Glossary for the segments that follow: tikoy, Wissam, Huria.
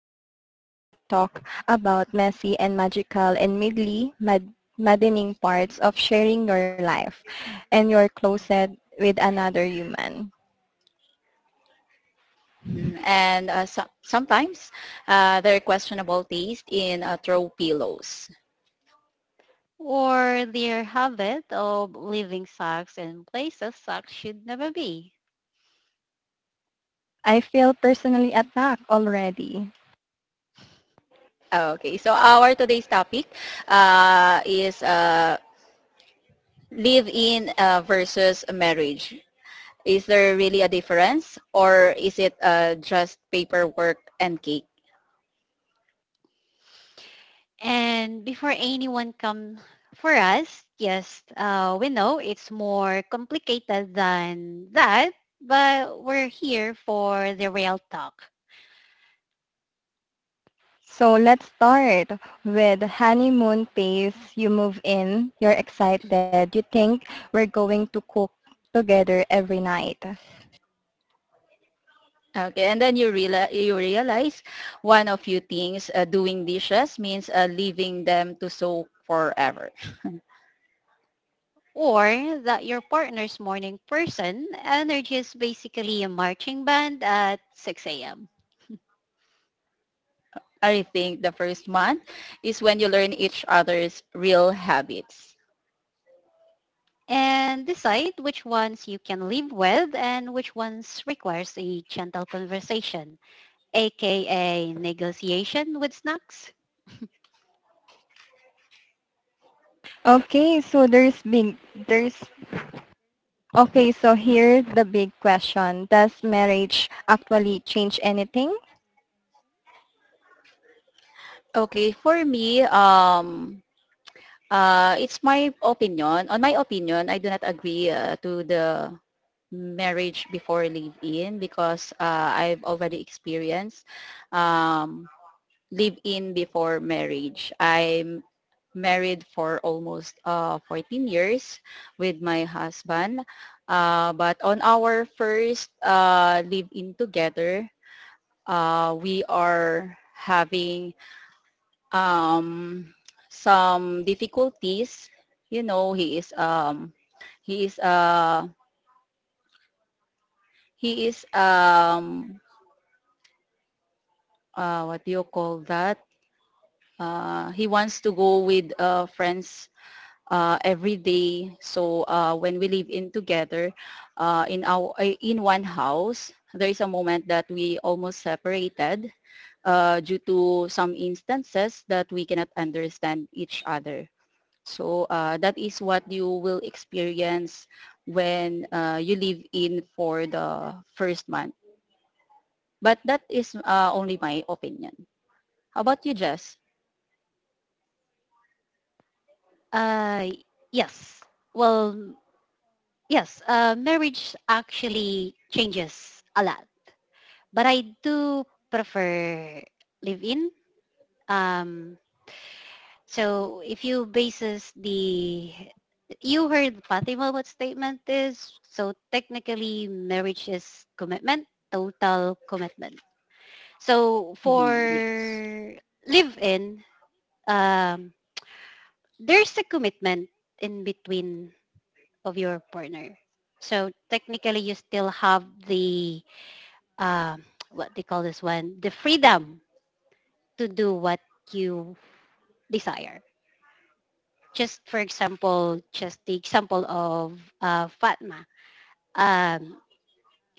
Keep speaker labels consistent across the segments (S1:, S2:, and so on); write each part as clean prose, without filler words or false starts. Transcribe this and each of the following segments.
S1: the podcast where we talk about messy and magical and maddening parts of sharing your life and your closet with another human.
S2: Mhm. And sometimes there are questionable taste in throw pillows.
S3: Or their habit of leaving socks in places socks should never be.
S1: I feel personally attacked already.
S2: Okay, so our today's topic is live-in versus marriage. Is there really a difference, or is it just paperwork and cake?
S3: And before anyone come for us, yes, we know it's more complicated than that, but we're here for the real talk.
S1: So let's start with honeymoon phase. You move in, you're excited, you think we're going to cook together every night.
S2: Okay, and then you realize one of few things: doing dishes means leaving them to soak forever.
S3: Or that your partner's morning person energy is basically a marching band at 6 a.m.
S2: I think the first month is when you learn each other's real habits.
S3: And decide which ones you can live with and which ones requires a gentle conversation. Aka negotiation with snacks?
S1: Okay, so there's big there's Okay, so here's the big question. Does marriage actually change anything?
S2: Okay, for me, it's my opinion. On my opinion, I do not agree to the marriage before live-in because I've already experienced um, live in before marriage. I'm married for almost 14 years with my husband. But on our first live in together, we are having um, some difficulties. You know, he is he is he is what do you call that? He wants to go with friends every day. So when we live in together in one house, there is a moment that we almost separated due to some instances that we cannot understand each other. So that is what you will experience when you live in for the first month. But that is only my opinion. How about you, Jess?
S3: Uh, yes. Well, yes, marriage actually changes a lot, but I do prefer live-in. Um, so if you bases the, you heard Fatima what statement is, so technically marriage is commitment, total commitment. So for
S2: Mhm, yes.
S3: live-in, um, there's a commitment in between of your partner. So technically, you still have the uh, what they call this one, the freedom to do what you desire. Just for example, just the example of Fatma. Um,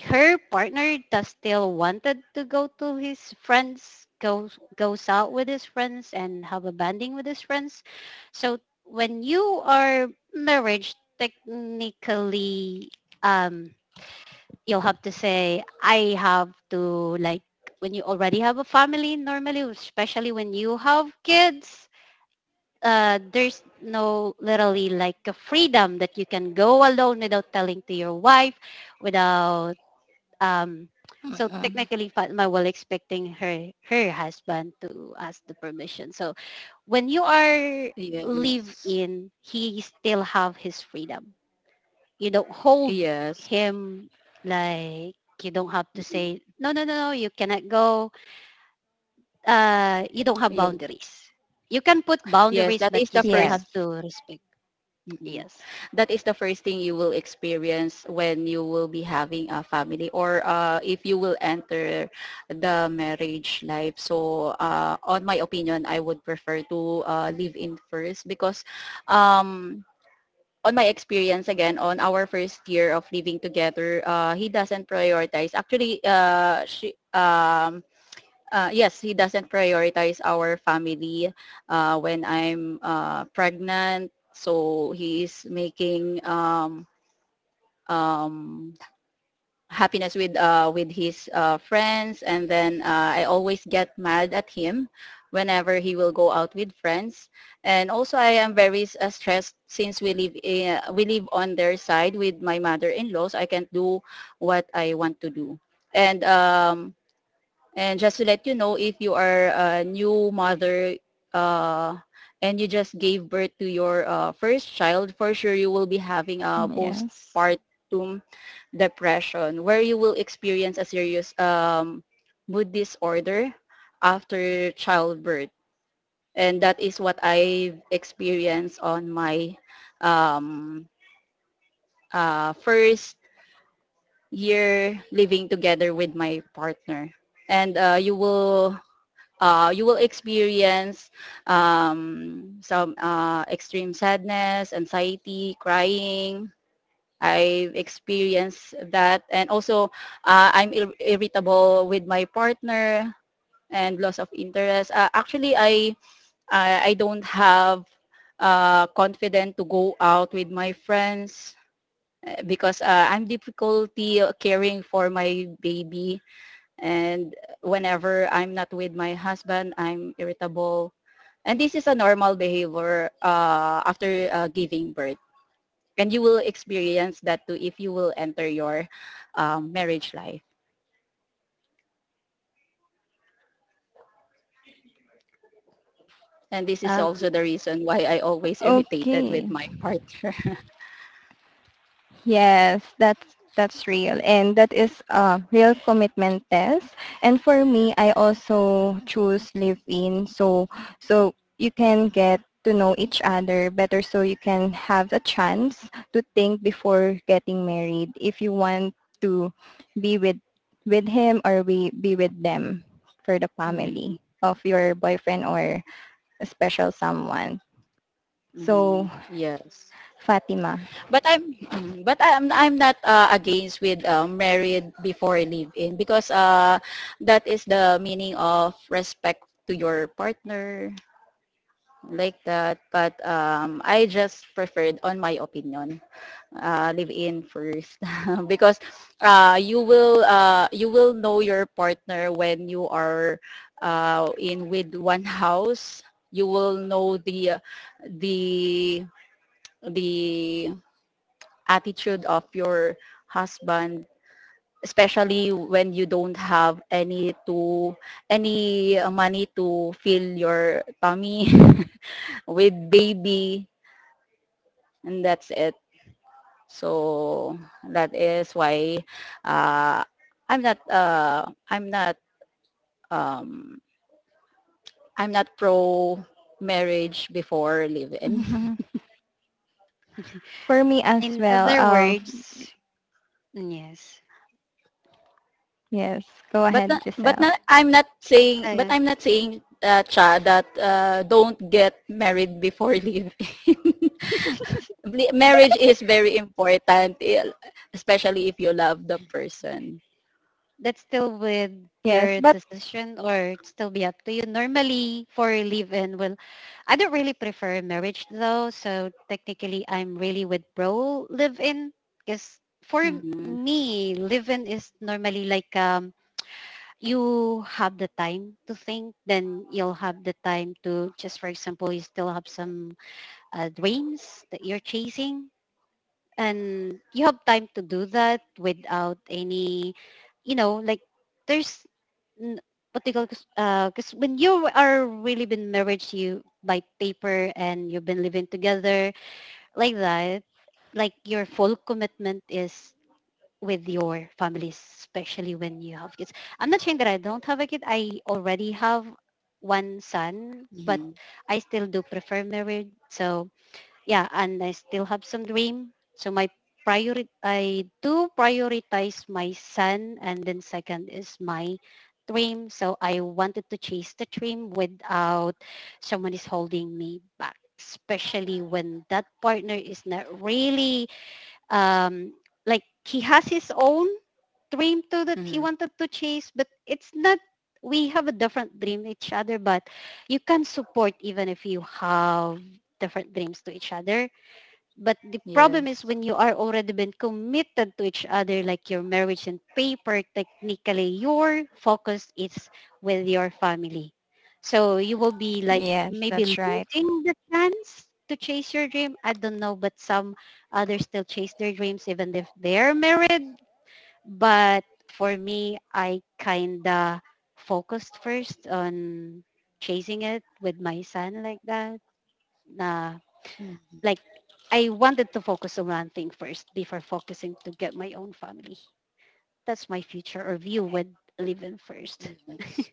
S3: Her partner does still wanted to go to his friends goes out with his friends and have a bonding with his friends. So when you are married, technically um you'll have to say I have to like, when you already have a family, normally especially when you have kids, there's no literally like a freedom that you can go alone without telling to your wife, without um so
S1: Mm,
S3: technically Fatma was expecting her husband to ask the permission. So when you are live
S2: Yes.
S3: in, he still have his freedom. You don't hold
S2: Yes.
S3: him, like you don't have to
S2: Mhm,
S3: say no, you cannot go. You don't have boundaries. You can put
S2: yes,
S3: boundaries
S2: that
S3: but
S2: is
S3: you
S2: the
S3: still have
S2: first
S1: Yes.
S3: to respect.
S2: mm-mm.
S3: Yes.
S2: that is the first thing you will experience when you will be having a family or if you will enter the marriage life. So on my opinion, I would prefer to live in first because um, on my experience again, on our first year of living together, he doesn't prioritize. Actually, yes, he doesn't prioritize our family when I'm pregnant. So he is making um, happiness with with his friends, and then I always get mad at him whenever he will go out with friends. And also, I am very stressed since we live on their side with my mother-in-law, so I can't do what I want to do. And um, and just to let you know, if you are a new mother uh, and you just gave birth to your first child, for sure you will be having a
S1: Yes.
S2: postpartum depression where you will experience a serious mood disorder after childbirth. And that is what I've experienced on my um, first year living together with my partner. And you will experience some extreme sadness, anxiety, crying. I've experienced that. And also, I'm irritable with my partner and loss of interest. Actually, I don't have confident to go out with my friends because I'm difficulty caring for my baby and whenever I'm not with my husband, I'm irritable. And this is a normal behavior after giving birth. And you will experience that too if you will enter your marriage life. And this is
S3: Um
S2: also the reason why I always irritated
S1: Okay.
S2: with my partner.
S1: Yes, that's real, and that is a real commitment test. And for me, I also choose live in, so so you can get to know each other better, so you can have a chance to think before getting married if you want to be with him, or we be with them, for the
S2: Mhm.
S1: family of your boyfriend or a special someone. So,
S2: Mhm. Yes,
S1: Fatima.
S2: but I'm mhm, but I'm not against with married before live-in because that is the meaning of respect to your partner like that. But I just preferred, on my opinion, live in first because you will know your partner when you are in with one house. You will know the the attitude of your husband especially when you don't have any money to fill your tummy with baby and that's it. So that is why uh, I'm not uh, I'm not um, I'm not pro marriage before live-in.
S1: Mhm. For me as
S3: in
S1: well,
S3: other words, yes.
S1: yes, go ahead,
S2: But
S1: Giselle.
S2: not, I'm not saying but
S3: Uh,
S2: I'm not saying cha that don't get married before live-in. Marriage
S3: exactly.
S2: is very important, eh, especially if you love the person.
S3: That's still with
S1: Yes,
S3: your
S1: but
S3: decision, or it's still be up to you. Normally for live-in, well, I don't really prefer marriage though, so technically I'm really with pro live-in. Because for
S2: Mm-hmm.
S3: me, live-in is normally like, you have the time to think, then you'll have the time to just, for example, you still have some dreams that you're chasing and you have time to do that without any, you know, like, there's n- what they call, because when you are really been married to you by paper and you've been living together like that, like your full commitment is with your families, especially when you have kids. I'm not saying that I don't have a kid, I already have one son, but
S2: Mm-hmm.
S3: I still do prefer married. So yeah, and I still have some dream. So my priority, I do prioritize my son, and then second is my dream. So I wanted to chase the dream without someone is holding me back, especially when that partner is not really um, like he has his own dream too that he
S2: Mm-hmm.
S3: wanted to chase, but it's not. We have a different dream each other, but you can support even if you have different dreams to each other. But the problem is
S2: Yes.
S3: when you are already been committed to each other like your marriage and paper, technically your focus is with your family. So you will be like
S1: yes,
S3: maybe
S1: that's right.
S3: losing the chance to chase your dream, I don't know, but some others still chase their dreams even if they're married. But for me, I kinda focused first on chasing it with my son, like that na,
S2: Mm,
S3: like I wanted to focus on one thing first before focusing to get my own family. That's my future or view with living first.
S2: yes.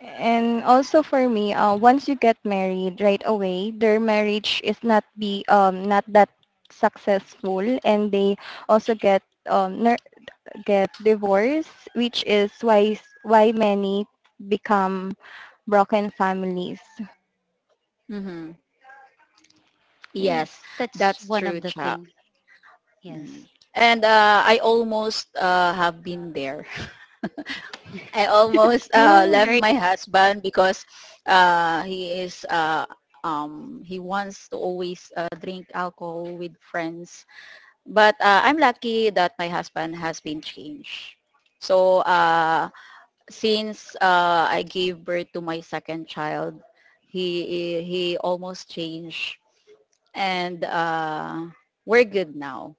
S1: And also for me, once you get married right away, their marriage is not that successful, and they also get um ner- get divorced, which is why why many become broken families.
S2: Mm-hmm. Yes,
S1: Yes.
S3: That's
S2: that's
S3: one
S2: true,
S3: of the
S2: Cha.
S3: thing.
S2: Mm.
S3: Yes.
S2: And I almost have been there. I almost left
S3: Sorry.
S1: Mm.
S2: my husband because uh, he is uh, he wants to always drink alcohol with friends. But I'm lucky that my husband has been changed. So since I gave birth to my second child, he almost changed, and we're good now.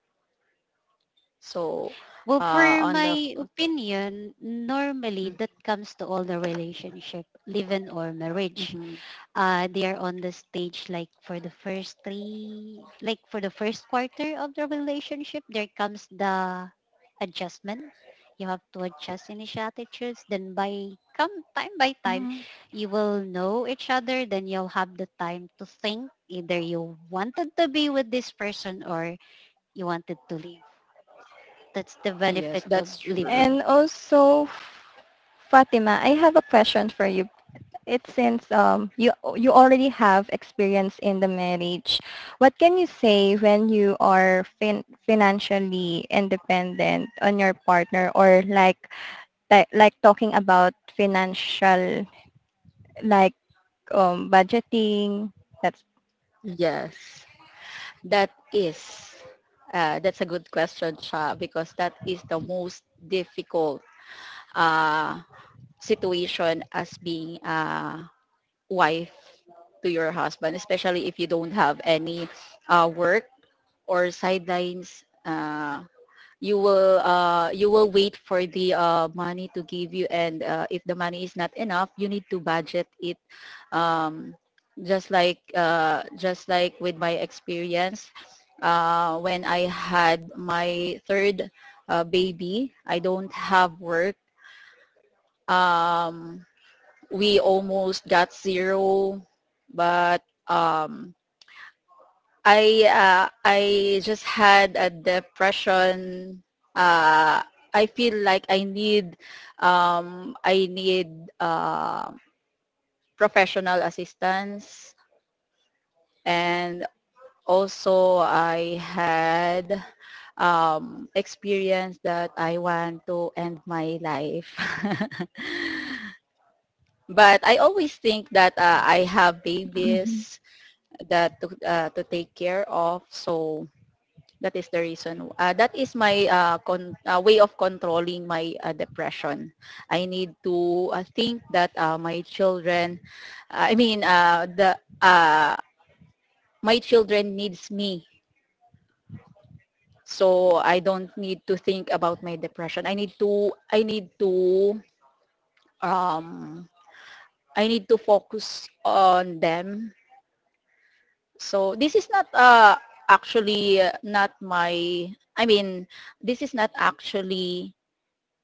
S2: So,
S3: Well, for
S2: on the
S3: my opinion, normally that
S2: Mm-hmm.
S3: comes to all the relationship, live-in or marriage.
S2: Mm-hmm.
S3: They are on the stage like for the first three, like for the first quarter of the relationship, there comes the adjustment. You have to adjust initial attitudes, then by come time by time
S1: Mm.
S3: you will know each other, then you'll have the time to think either you wanted to be with this person or you wanted to leave. That's the
S2: Yes,
S3: benefit of
S2: that's true.
S3: living.
S1: And also, Fatima, I have a question for you. It's since you already have experience in the marriage. What can you say when you are financially independent on your partner, or like like talking about financial, like, budgeting? That's.
S2: Yes, that is. That's a good question, Cha, because that is the most difficult uh, situation as being a wife to your husband, especially if you don't have any work or sidelines. You will wait for the money to give you and if the money is not enough you need to budget it um, just like with my experience when I had my third baby I don't have work um, we almost got zero but I just had a depression. Uh, I feel like I need professional assistance, and also I had experience that I want to end my life. But I always think that I have
S1: Mhm.
S2: babies that to take care of, so. That is the reason. That is my way of controlling my depression. I need to think that my children, I mean, the my children needs me, so
S3: Mm,
S2: I don't need to think about my depression. Um, I need to focus on them. So this is not actually not my. I mean, this is not actually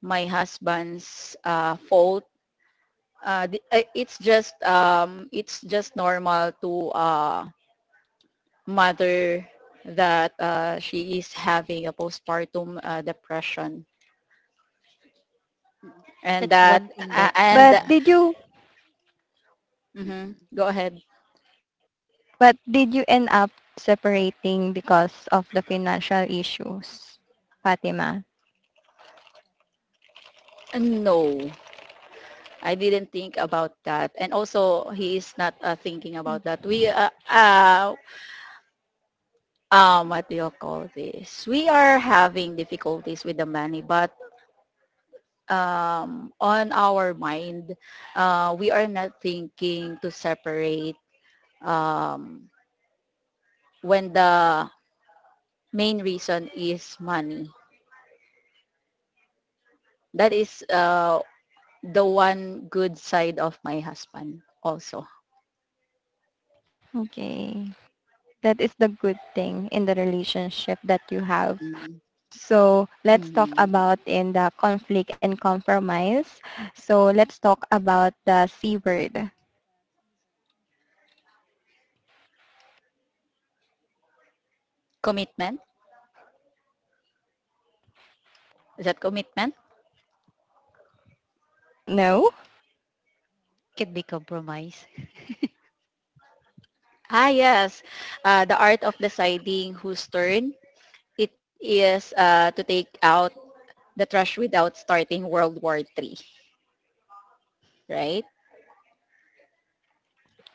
S2: my husband's fault. Uh, it's just normal to mother that she is having a postpartum depression
S3: mm.
S2: and
S3: That's
S2: that
S3: one thing
S2: uh,
S3: that
S2: and
S1: But did you,
S3: mm,
S2: mhm,
S3: mm,
S2: go ahead.
S1: but did you end up separating because of the financial issues, Fatima?
S2: No, I didn't think about that, and also he is not thinking
S1: Mm,
S2: about that. We What do you call this? We are having difficulties with the money, but on our mind, we are not thinking to separate um, when the main reason is money. That is the one good side of my husband also.
S1: Okay. That is the good thing in the relationship that you have.
S2: Mm.
S1: So let's talk
S2: Mm.
S1: about in the conflict and compromise. So let's talk about the C word.
S2: Commitment? Is that commitment?
S1: No?
S3: could be compromised.
S2: Ah, yes. The art of deciding whose turn it is to take out the trash without starting World War Three, right?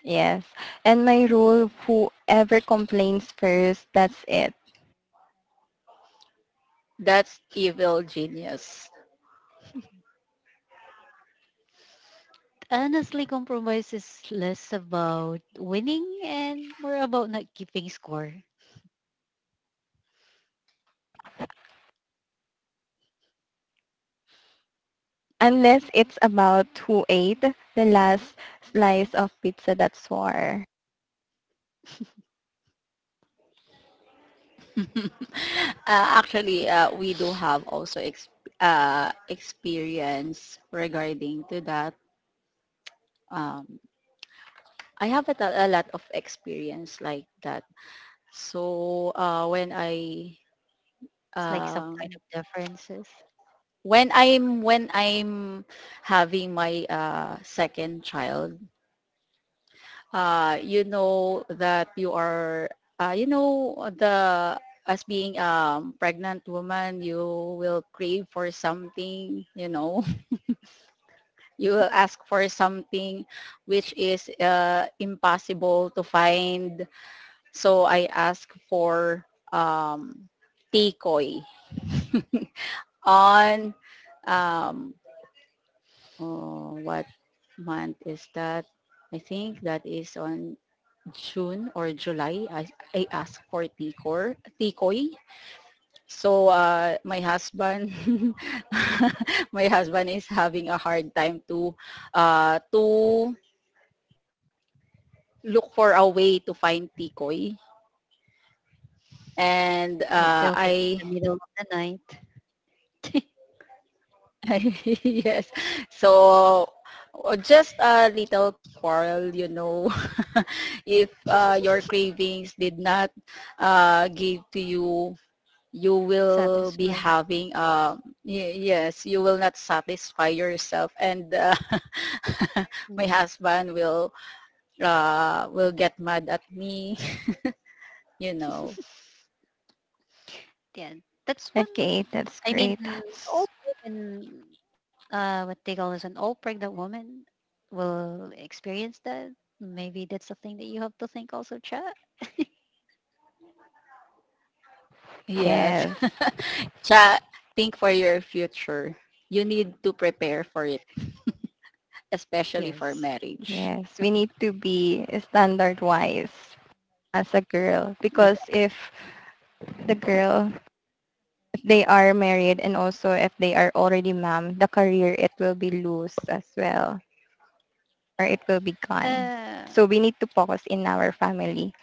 S1: Yes. And my rule, whoever complains first, that's it.
S2: That's evil genius.
S3: Honestly, compromise is less about winning and more about not keeping score.
S1: Unless it's about who ate the last slice of pizza, that's war.
S2: Actually, we do have also experience regarding to that. Um, I have a lot of experience like that. So
S3: It's like some kind
S2: um,
S3: of differences.
S2: when I'm having my second child, you know that you are you know the as being a pregnant woman, you will crave for something, you know. You will ask for something which is impossible to find. So I asked for um, tikoy on um, oh, what month is that? I think that is on June or July. I asked for tikoy. So my husband is having a hard time to look for a way to find tikoy. And
S3: Don't
S2: uh,
S3: tell me it's the
S2: I,
S3: middle of the night.
S2: yes, so just a little quarrel, you know, if your cravings did not give to you, you will be
S3: Satisfied.
S2: having, y- yes, you will not satisfy yourself. And my
S3: Mm-mm.
S2: husband will get mad at me, you know.
S3: Yeah, that's
S1: Okay,
S3: one.
S1: that's
S3: I mean,
S1: great.
S3: all
S1: S-
S3: women, what they call is an all pregnant woman will experience that. Maybe that's something that you have to think also, chat.
S2: Yes.
S1: yes.
S2: Cha, think for your future. You need to prepare for it, especially for
S3: Yes.
S2: marriage.
S1: Yes. We need to be standard wise as a girl,
S2: Yeah.
S1: because if the girl, if they are married and also if they are already mom, the career, it will be loose as well, or it will be gone.
S3: Uh,
S1: So we need to focus in our family.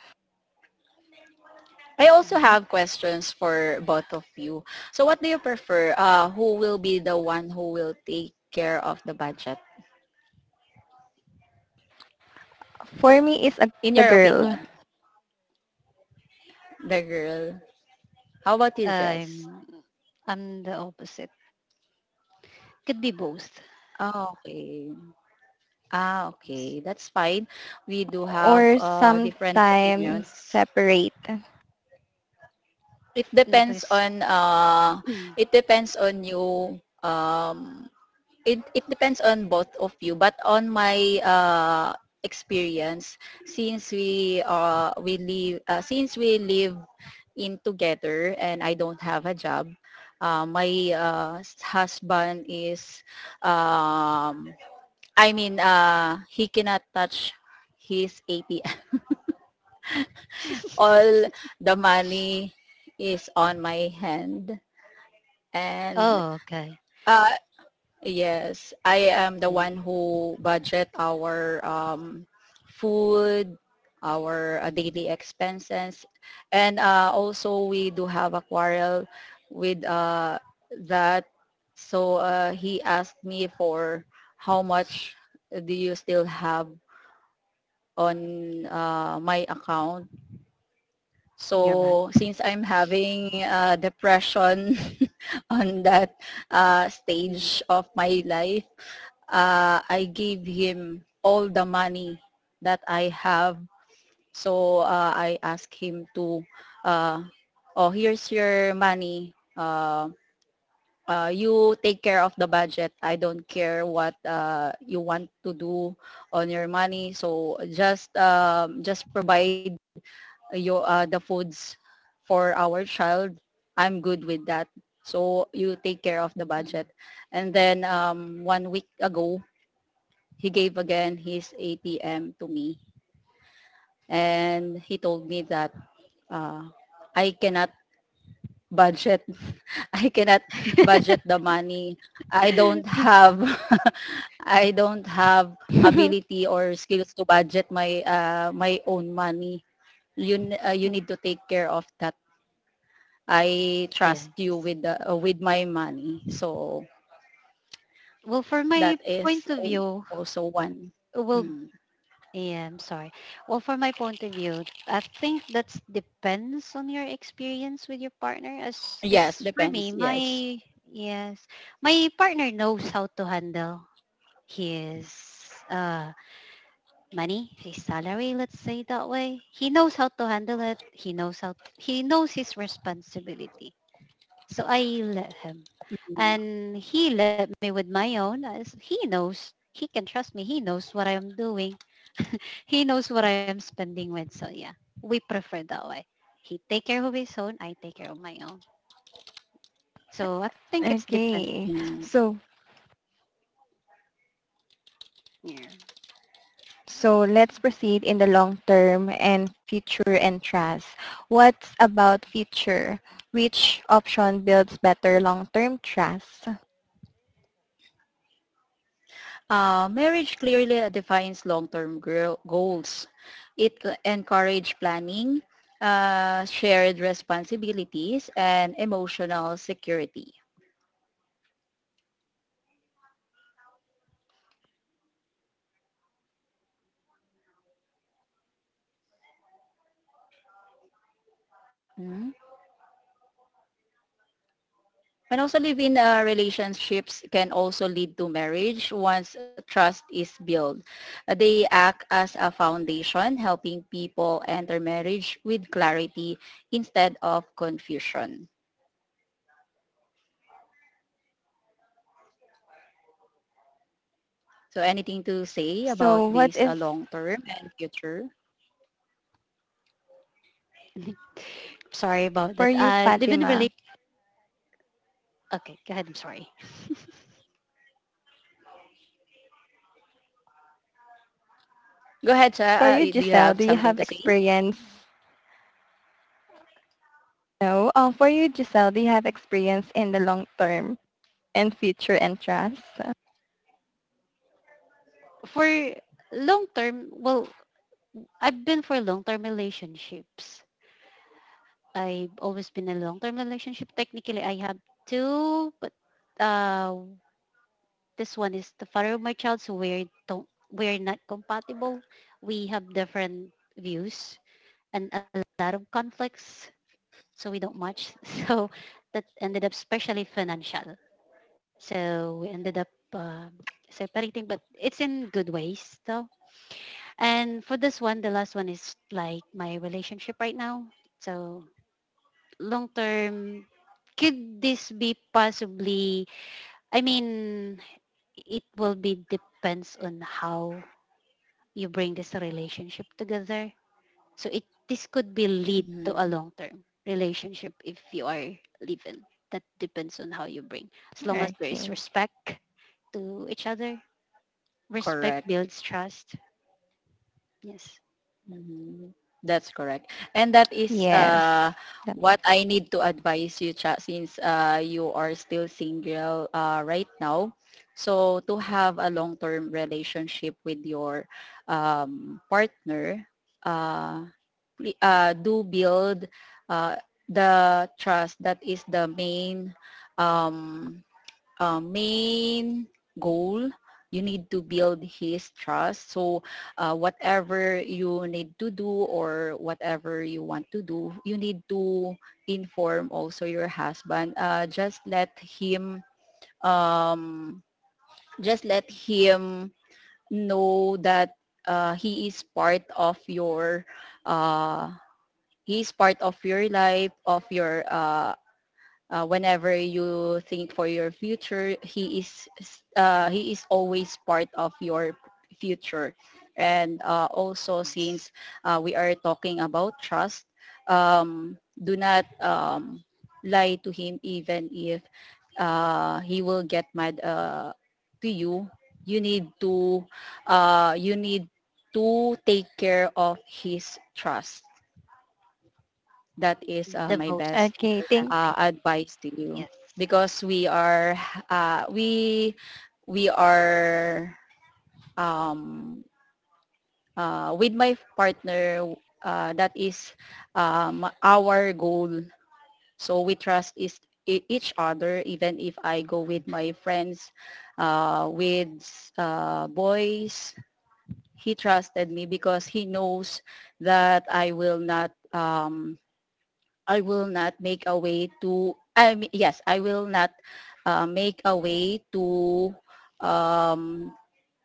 S2: I also
S3: mhm.
S2: have questions for both of you. So what do you prefer? Who will be the one who will take care of the budget?
S1: For me it's a,
S2: In
S1: the
S2: your
S1: girl,
S2: opinion, the girl. How about his dress?
S3: I'm I'm the opposite. Could be both.
S2: Ah, okay. Ah,
S3: Yes.
S2: okay. That's fine. We do have
S1: or
S2: different
S1: sometimes
S2: opinions.
S1: separate.
S2: It
S3: No,
S2: depends
S3: because
S2: on uh,
S3: mm.
S2: it depends on you it depends on both of you but on my experience since we live since we live in together and I don't have a job my husband is um I mean, he cannot touch his ATM all the money is on my hand and
S3: Oh, okay.
S2: uh, yes, I am the
S3: Yeah,
S2: one who budget our food, our daily expenses, and also we do have a quarrel with that. So he asked me for how much do you still have on my account.
S3: nearby.
S2: So since I'm having depression on that
S3: Mm,
S2: stage of my life, I gave him all the money that I have. So I asked him to, uh, oh, here's your money. You take care of the budget. I don't care what you want to do on your money. So just provide your the foods for our child. I'm good with that. So you take care of the
S3: mm.
S2: budget. And then 1 week ago, he gave again his ATM to me and he told me that uh, I cannot budget I cannot budget the money I don't have. I don't have ability or skills to budget my my own money. you you need to take care of that. I trust
S3: Yes.
S2: you with with my money, so
S3: Well, for my
S2: that is
S3: point of view,
S2: also one.
S3: well,
S2: Mm.
S3: yeah, I'm sorry. Well, for my point of view, I think that depends on your experience with your partner. As
S2: Yes,
S3: because for me,
S2: depends, yes.
S3: my yes, my partner knows how to handle his money, his salary, let's say that way. He knows how to handle it. He knows how, he knows his responsibility. So I let him.
S2: Mm,
S3: And he let me with my own as he knows. He can trust me. He knows what I am doing. He knows what I am spending with. So yeah, we prefer that way. He take care of his own. I take care of my own. So I think it's depend.
S1: Okay.
S2: mm.
S1: So
S3: Yeah.
S1: so let's proceed in the long term and future and trust. What's about future? Which option builds better long-term trust?
S2: Marriage clearly defines long-term goals. It encourages planning, shared responsibilities, and emotional security. Mm. And also live-in relationships can also lead to marriage once trust is built. They act as a foundation, helping people enter marriage with clarity instead of confusion. So anything to say about
S1: So what
S2: this
S1: is
S2: long-term and future?
S3: Sorry about
S1: for
S3: that.
S1: you,
S3: Live in
S1: Fatima?
S3: relate. Okay, go ahead. I'm sorry.
S2: Go ahead, Cha.
S1: For you,
S2: Do you
S1: Giselle, do
S2: have
S1: you
S2: something
S1: have
S2: to say?
S1: experience? No. For you, Giselle, do you have experience in the long term and future interests?
S3: For long term, well, I've been for long-term relationships. I've always been in a long-term relationship. Technically, I have two, but uh, this one is the father of my child, so we're don't we're not compatible. We have different views and a lot of conflicts, so we don't match. So that ended up, especially financial. So we ended up uh, separating, but it's in good ways though. And for this one, the last one is like my relationship right now. So long term, could this be possibly, I mean, it will be depends on how you bring this relationship together. So it this could be lead to a
S2: Mhm.
S3: long term relationship if you are living. That depends on how you bring. As long
S1: Okay.
S3: as there is respect to each other, respect
S2: Correct.
S3: builds trust. Yes.
S2: Mhm. That's correct. And that is
S1: Yes.
S2: what I need to advise you, Cha, since you are still single right now. So to have a long-term relationship with your partner, uh, do build uh, the trust. That is the main um, main goal. You need to build his trust. So whatever you need to do or whatever you want to do, you need to inform also your husband. Just let him, um, just let him know that he is part of your, uh, he is part of your life, of your whenever you think for your future, he is, he is always part of your future. And also,
S3: Yes.
S2: since we are talking about trust, um, do not lie to him, even if he will get mad to you. You need to, you need to take care of his trust. That is
S3: The
S2: my
S3: most
S2: best
S1: Okay.
S3: important
S1: Thank.
S3: thing.
S2: advice to you,
S3: Yes.
S2: because we are, uh, we we are, um, with my partner, that is our goal. So we trust each other, even if I go with my friends, with boys. He trusted me because he knows that I will not, I will not make a way to, I mean, yes, I will not make a way um,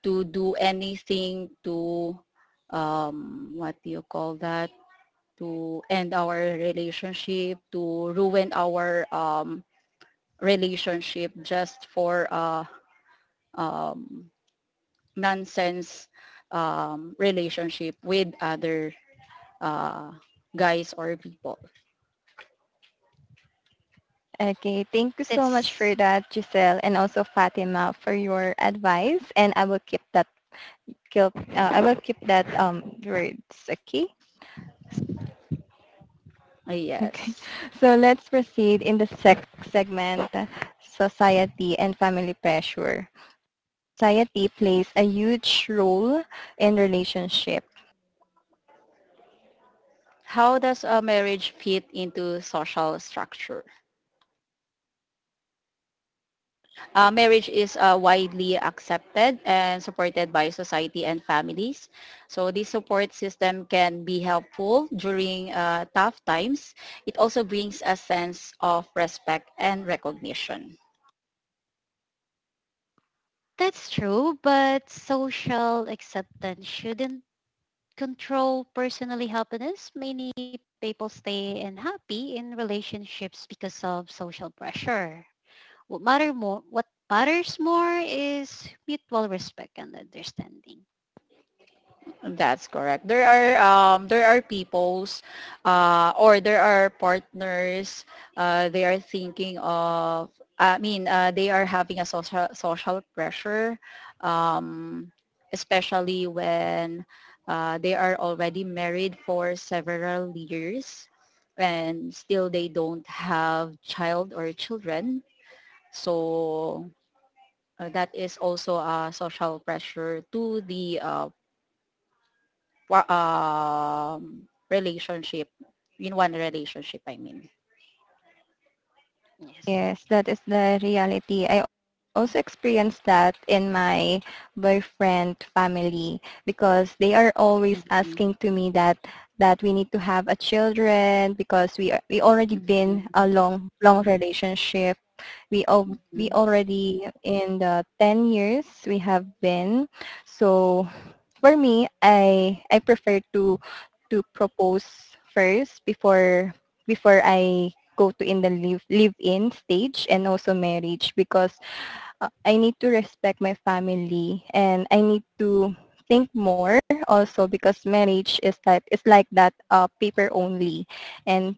S2: to do anything to, what do you call that? To end our relationship, to ruin our relationship just for um, nonsense relationship with other uh, guys or people.
S1: Okay. Thank you so much for
S3: That's
S1: that, Giselle, and also Fatima for your advice. And I will keep that. Keep, I will keep that words. Okay. Okay.
S2: Yes.
S1: So let's proceed in the segment, society and family pressure. Society plays a huge role in relationship.
S2: How does a marriage fit into social structure? Marriage is widely accepted and supported by society and families. So this support system can be helpful during tough times. It also brings a sense of respect and recognition.
S3: That's true, but social acceptance shouldn't control personally happiness. Many people stay unhappy in relationships because of social pressure. What matters more is mutual respect and understanding.
S2: That's correct. There are peoples, or there are partners. They are thinking of. I mean, they are having a social pressure, um, especially when they are already married for several years, and still they don't have child or children. So that is also a social pressure to the relationship. In one relationship, I mean.
S3: Yes.
S1: Yes, that is the reality. I also experienced that in my boyfriend family, because they are always asking
S2: Mhm,
S1: to me that that we need to have a children, because we already been a
S2: mhm,
S1: long long relationship. We all we
S2: mhm.
S1: already in the 10 years we have been. So for me, I prefer to propose first before I go to in the live in stage and also marriage, because I need to respect my family, and I need to think more, also because marriage is that is like that, paper only, and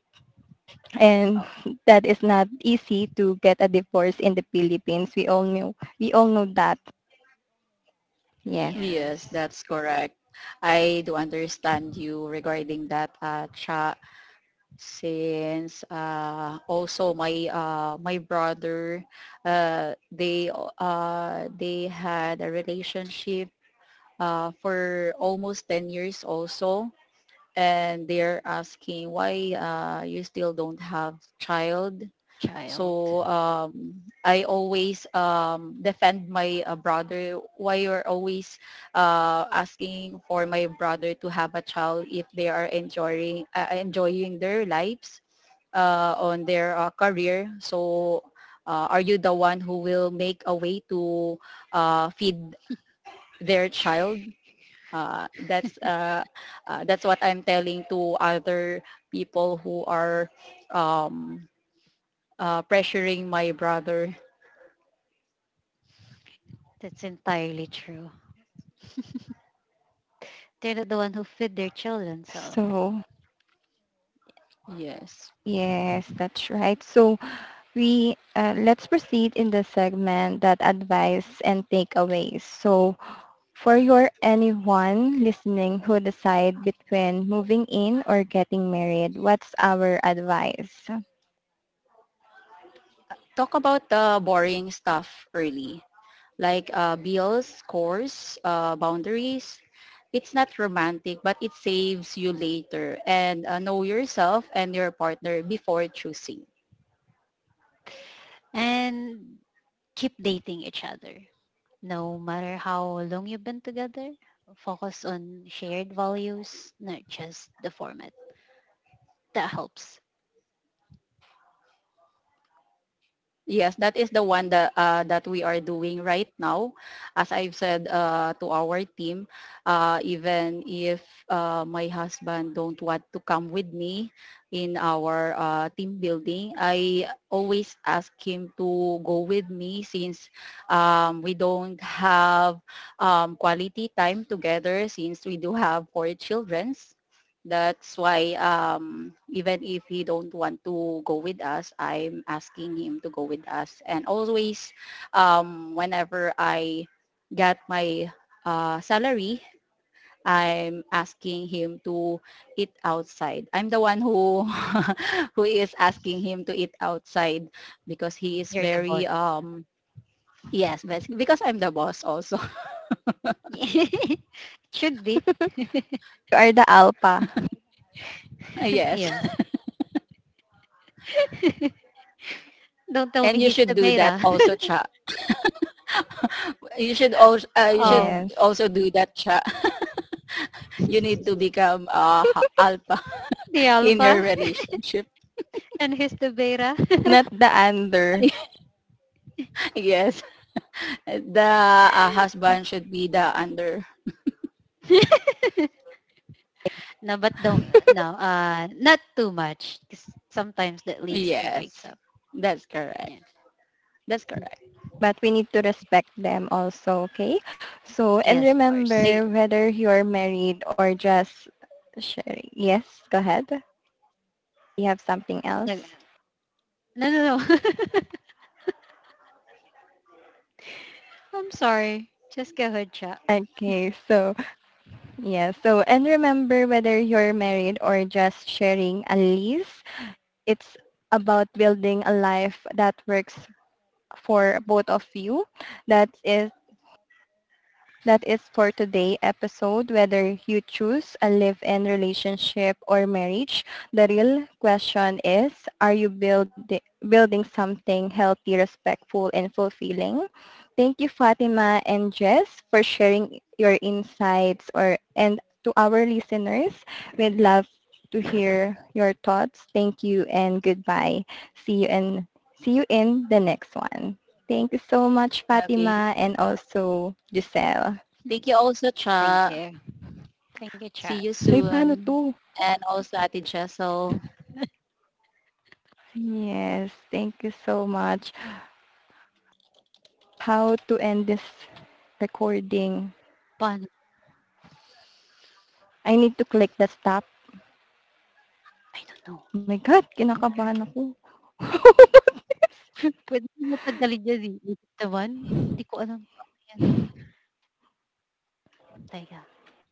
S1: and
S3: Oh.
S1: that is not easy to get a divorce in the Philippines, we all know, we all know that, yes.
S2: Yes,
S3: Yes.
S2: that's correct. I do understand you regarding that, Cha, since also my my brother, uh, they they had a relationship for almost 10 years also, and they're asking why you still don't have child.
S3: Child.
S2: So I always defend my brother. Why you're always asking for my brother to have a child if they are enjoying enjoying their lives on their career? So are you the one who will make a way to feed their child? Uh, that's uh, that's what I'm telling to other people who are um, pressuring my brother.
S3: That's entirely true. They're not the one who feed their children, so
S1: So
S2: Yes.
S1: yes, that's right. So we let's proceed in the segment that advice and takeaways. So for your anyone listening who decide between moving in or getting married, what's our advice? You
S2: Talk about the boring stuff early, like bills, scores, boundaries. It's not romantic, but it saves you later. And know yourself and your partner before choosing.
S3: and keep dating each other. No matter how long you've been together, focus on shared values, not just the format. That helps.
S2: Yes, that is the one that that we are doing right now. As I've said to our team, even if my husband don't want to come with me in our team building, I always ask him to go with me, since we don't have quality time together, since we do have four children. That's why even if he don't want to go with us, I'm asking him to go with us. And always, whenever I get my salary, I'm asking him to eat outside. I'm the one who who is asking him to eat outside, because he is
S3: You're the boss.
S2: very um. Yes, because I'm the boss also.
S3: It Should be.
S1: are the alpha.
S2: Yes.
S3: Yes. Don't tell me
S2: And you
S3: he's
S2: should
S3: the
S2: do that
S3: beta.
S2: also, Cha. You should also, you
S3: Oh.
S2: should
S1: Yes.
S2: also do that, Cha. You need to become alpha
S3: The
S2: in
S3: alpha
S2: your relationship.
S3: and he's the beta.
S1: Not the under.
S2: Yes, the husband should be the under.
S3: No, but don't no, not too much 'cause sometimes that leads to
S2: Yes,
S3: breaks up.
S2: that's correct.
S3: Yeah.
S2: That's correct.
S1: But we need to respect them also, okay? So, and
S3: Yes, of course.
S2: Ay-
S1: remember, whether you're married or just sharing. Yes, go ahead. You have something
S3: No, no,
S1: else?
S3: no. no. I'm sorry. Just go ahead, chat.
S1: Okay, so yeah, so and remember, whether you're married or just sharing a lease, it's about building a life that works for both of you. That is that is for today episode. Whether you choose a live-in relationship or marriage, the real question is, are you building building something healthy, respectful, and fulfilling? Thank you, Fatima and Jess, for sharing your insights or and to our listeners, we'd love to hear your thoughts. Thank you and goodbye. See you and see you in the next one. Thank you so much, Fatima,
S2: Okay.
S1: and also Giselle.
S2: Thank you also,
S3: Thank
S2: Cha.
S3: you. Thank you,
S2: See
S3: chat.
S2: you
S1: Ay, paano 'to?
S2: soon. And also, Ate Jessel,
S1: Yes, thank you so much. How to end this recording?
S3: Paano?
S1: I need to click the stop.
S3: I don't know.
S1: Oh my God, kinakabahan ako.
S3: Pwede mo madali dyan eh. Isip naman. Hindi ko alam paano yan. Teka,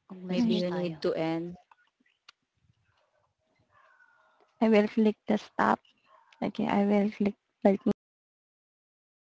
S2: maybe you
S3: mag-message
S2: need
S1: Wait,
S2: to
S3: tayo.
S2: end.
S1: I will click the stop. Okay, I will click right now.